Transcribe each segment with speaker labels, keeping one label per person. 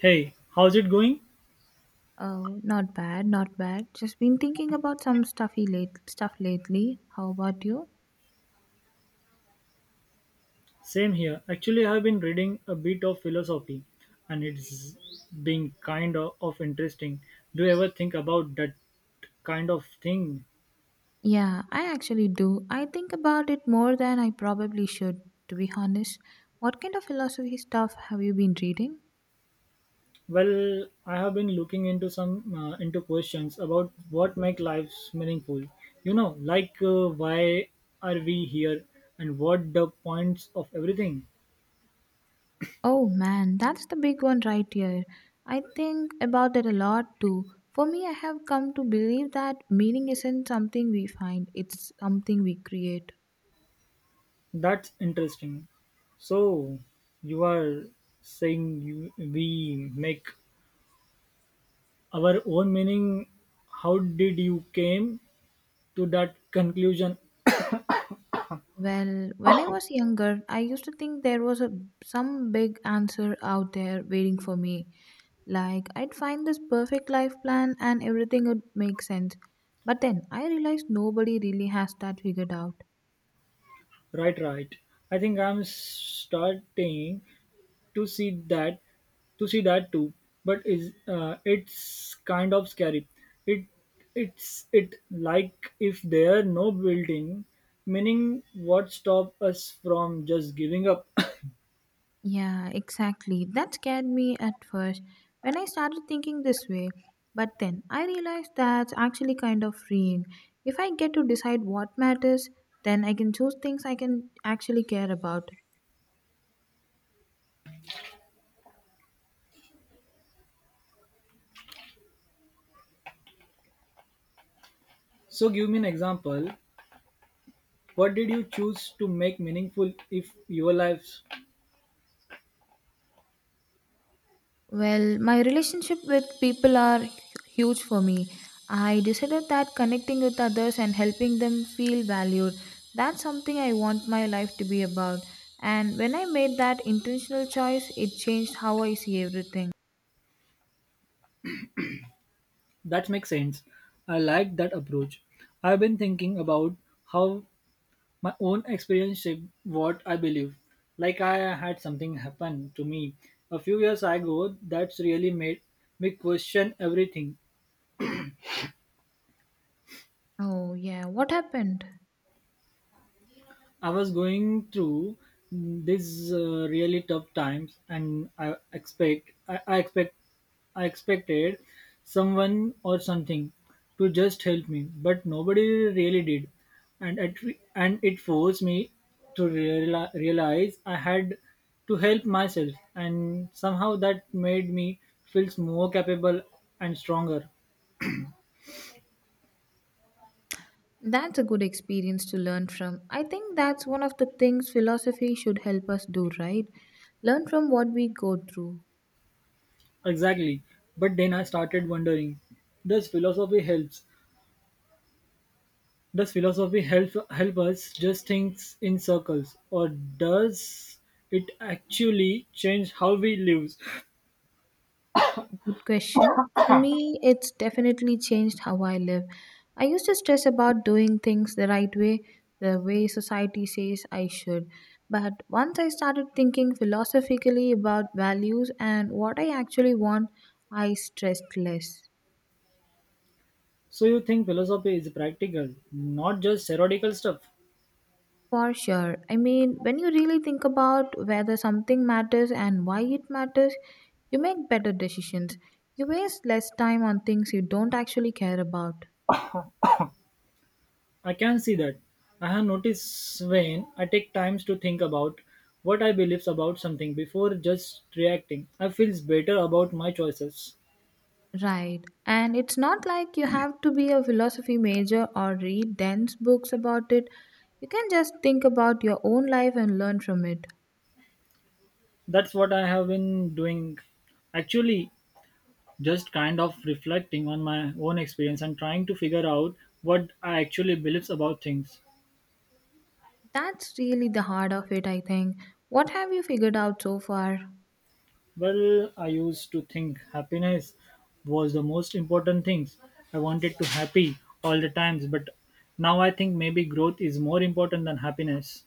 Speaker 1: Hey, how's it going?
Speaker 2: Oh, not bad, not bad. Just been thinking about some stuffy late stuff lately. How about you?
Speaker 1: Same here. Actually, I've been reading a bit of philosophy, and it's been kind of interesting. Do you ever think about that kind of thing?
Speaker 2: Yeah, I actually do. I think about it more than I probably should, to be honest. What kind of philosophy stuff have you been reading?
Speaker 1: Well, I have been looking into some into questions about what make lives meaningful. You know, why are we here and what the points of everything.
Speaker 2: Oh man, that's the big one right here. I think about it a lot too. For me, I have come to believe that meaning isn't something we find, it's something we create.
Speaker 1: That's interesting. So, you are saying you, we make our own meaning, how did you came to that conclusion?
Speaker 2: Well, when I was younger, I used to think there was a some big answer out there waiting for me. Like I'd find this perfect life plan and everything would make sense. But then I realized nobody really has that figured out.
Speaker 1: Right, right, I think I'm starting to see that to see that too, but is it's kind of scary. it it's it like if there are no building meaning, what stop us from just giving up?
Speaker 2: Yeah, exactly. That scared me at first when I started thinking this way. But then I realized that's actually kind of freeing. If I get to decide what matters, then I can choose things I can actually care about.
Speaker 1: So give me an example, what did you choose to make meaningful if your life?
Speaker 2: Well, my relationship with people are huge for me. I decided that connecting with others and helping them feel valued, that's something I want my life to be about. And when I made that intentional choice, it changed how I see everything.
Speaker 1: That makes sense. I like that approach. I've been thinking about how my own experience shaped what I believe. Like I had something happen to me a few years ago that's really made me question everything.
Speaker 2: Oh, yeah, what happened?
Speaker 1: I was going through these really tough times, and I expected someone or something to just help me, but nobody really did, and it forced me to realize I had to help myself, and somehow that made me feel more capable and stronger.
Speaker 2: That's a good experience to learn from. I think that's one of the things philosophy should help us do, right? Learn from what we go through.
Speaker 1: Exactly, but then I started wondering, does philosophy helps does philosophy help us just think in circles, or does it actually change how we live?
Speaker 2: Good question. For me, it's definitely changed how I live. I used to stress about doing things the right way, the way society says I should. But once I started thinking philosophically about values and what I actually want, I stressed less.
Speaker 1: So you think philosophy is practical, not just theoretical stuff?
Speaker 2: For sure. I mean, when you really think about whether something matters and why it matters, you make better decisions. You waste less time on things you don't actually care about.
Speaker 1: I can see that. I have noticed when I take times to think about what I believe about something before just reacting. I feels better about my choices.
Speaker 2: Right. And it's not like you have to be a philosophy major or read dense books about it. You can just think about your own life and learn from it.
Speaker 1: That's what I have been doing. Actually, just kind of reflecting on my own experience and trying to figure out what I actually believe about things.
Speaker 2: That's really the heart of it, I think. What have you figured out so far?
Speaker 1: Well, I used to think happiness was the most important thing. I wanted to happy all the times, but now I think maybe growth is more important than happiness.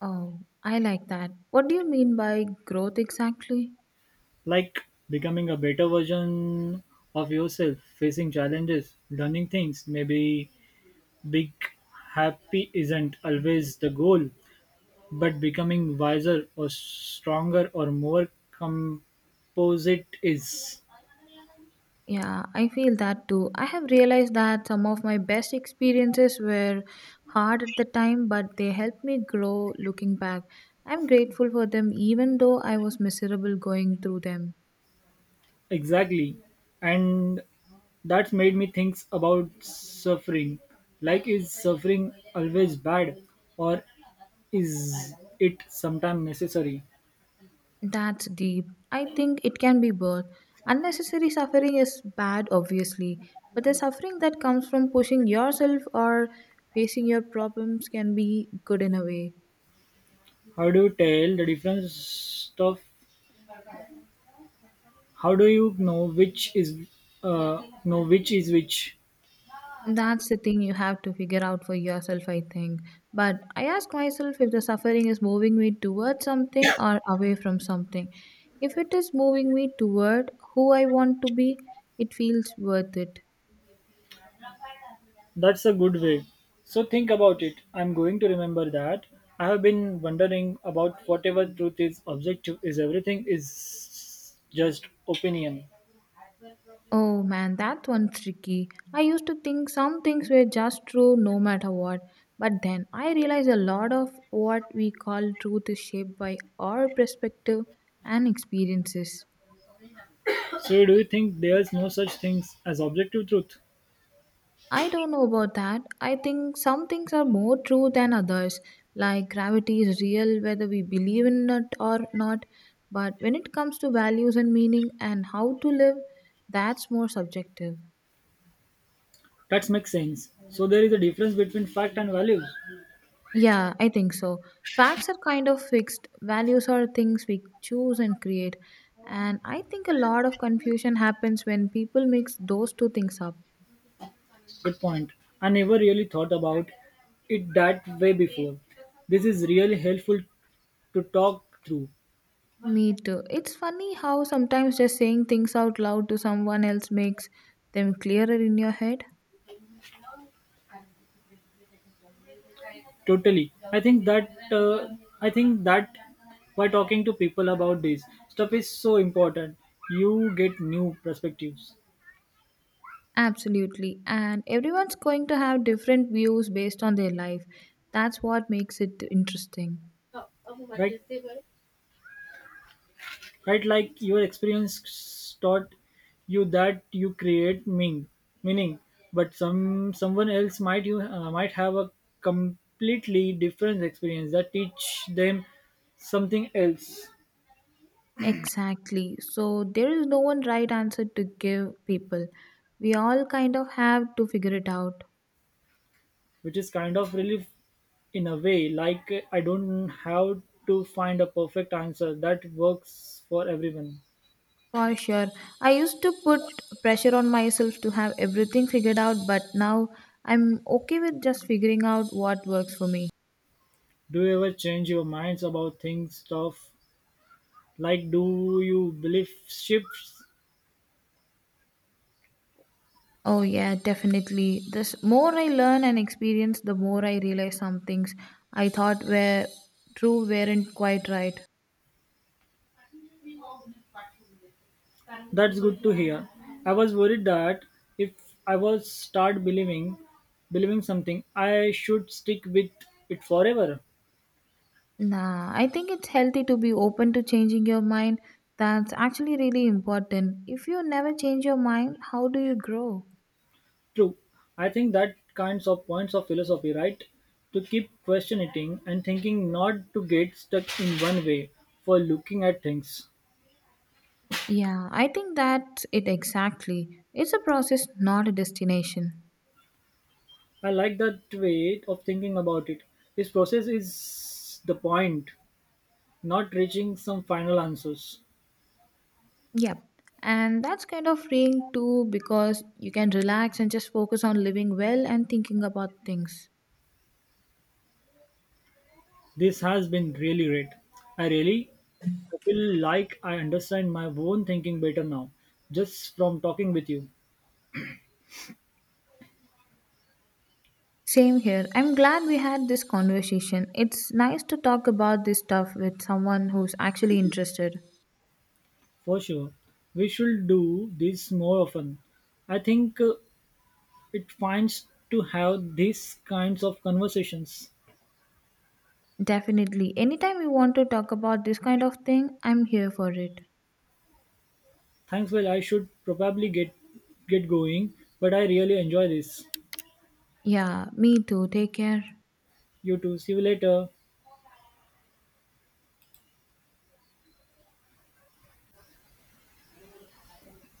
Speaker 2: Oh, I like that. What do you mean by growth exactly?
Speaker 1: Like becoming a better version of yourself, facing challenges, learning things, maybe big happy isn't always the goal. But becoming wiser or stronger or more composite is.
Speaker 2: Yeah, I feel that too. I have realized that some of my best experiences were hard at the time, but they helped me grow looking back. I'm grateful for them even though I was miserable going through them.
Speaker 1: Exactly. And that's made me think about suffering. Like, is suffering always bad, or is it sometimes necessary?
Speaker 2: That's deep. I think it can be both. Unnecessary suffering is bad, obviously, but the suffering that comes from pushing yourself or facing your problems can be good in a way.
Speaker 1: How do you tell the difference of how do you know which is which?
Speaker 2: That's the thing you have to figure out for yourself, I think. But I ask myself if the suffering is moving me towards something or away from something. If it is moving me toward who I want to be, it feels worth it.
Speaker 1: That's a good way. So think about it. I'm going to remember that. I have been wondering about whatever truth is objective is everything is just opinion.
Speaker 2: Oh man, that one's tricky. I used to think some things were just true no matter what. But then I realized a lot of what we call truth is shaped by our perspective and experiences.
Speaker 1: So do you think there's no such things as objective truth?
Speaker 2: I don't know about that. I think some things are more true than others, like gravity is real whether we believe in it or not. But when it comes to values and meaning and how to live, that's more subjective.
Speaker 1: That makes sense. So there is a difference between fact and values.
Speaker 2: Yeah, I think so. Facts are kind of fixed, values are things we choose and create. And I think a lot of confusion happens when people mix those two things up.
Speaker 1: Good point. I never really thought about it that way before. This is really helpful to talk through.
Speaker 2: Me too. It's funny how sometimes just saying things out loud to someone else makes them clearer in your head.
Speaker 1: Totally. I think that why talking to people about this stuff is so important. You get new perspectives,
Speaker 2: Absolutely. And everyone's going to have different views based on their life. That's what makes it interesting.
Speaker 1: right? Right, like your experience taught you that you create meaning, but someone else might have a completely different experience that teach them something else.
Speaker 2: Exactly. So there is no one right answer to give people. We all kind of have to figure it out.
Speaker 1: Which is kind of relief in a way, like I don't have to find a perfect answer that works for everyone.
Speaker 2: For sure. I used to put pressure on myself to have everything figured out, but now I'm okay with just figuring out what works for me.
Speaker 1: Do you ever change your minds about things stuff, like do you believe shifts?
Speaker 2: Oh yeah, definitely. This more I learn and experience, the more I realize some things I thought were true weren't quite right.
Speaker 1: That's good to hear. I was worried that if I was start believing something I should stick with it forever.
Speaker 2: Nah, I think it's healthy to be open to changing your mind. That's actually really important. If you never change your mind, how do you grow?
Speaker 1: True. I think that kinds of points of philosophy, right? To keep questioning and thinking, not to get stuck in one way for looking at things.
Speaker 2: Yeah, I think that's it exactly. It's a process, not a destination.
Speaker 1: I like that way of thinking about it. This process is the point, not reaching some final answers.
Speaker 2: Yep. And that's kind of freeing too because you can relax and just focus on living well and thinking about things.
Speaker 1: This has been really great. I really feel like I understand my own thinking better now, just from talking with you.
Speaker 2: Same here. I'm glad we had this conversation. It's nice to talk about this stuff with someone who's actually interested.
Speaker 1: For sure. We should do this more often. I think It finds to have these kinds of conversations.
Speaker 2: Definitely. Anytime you want to talk about this kind of thing, I'm here for it.
Speaker 1: Thanks, well, I should probably get going, but I really enjoy this.
Speaker 2: Yeah, me too. Take care.
Speaker 1: You too. See you later.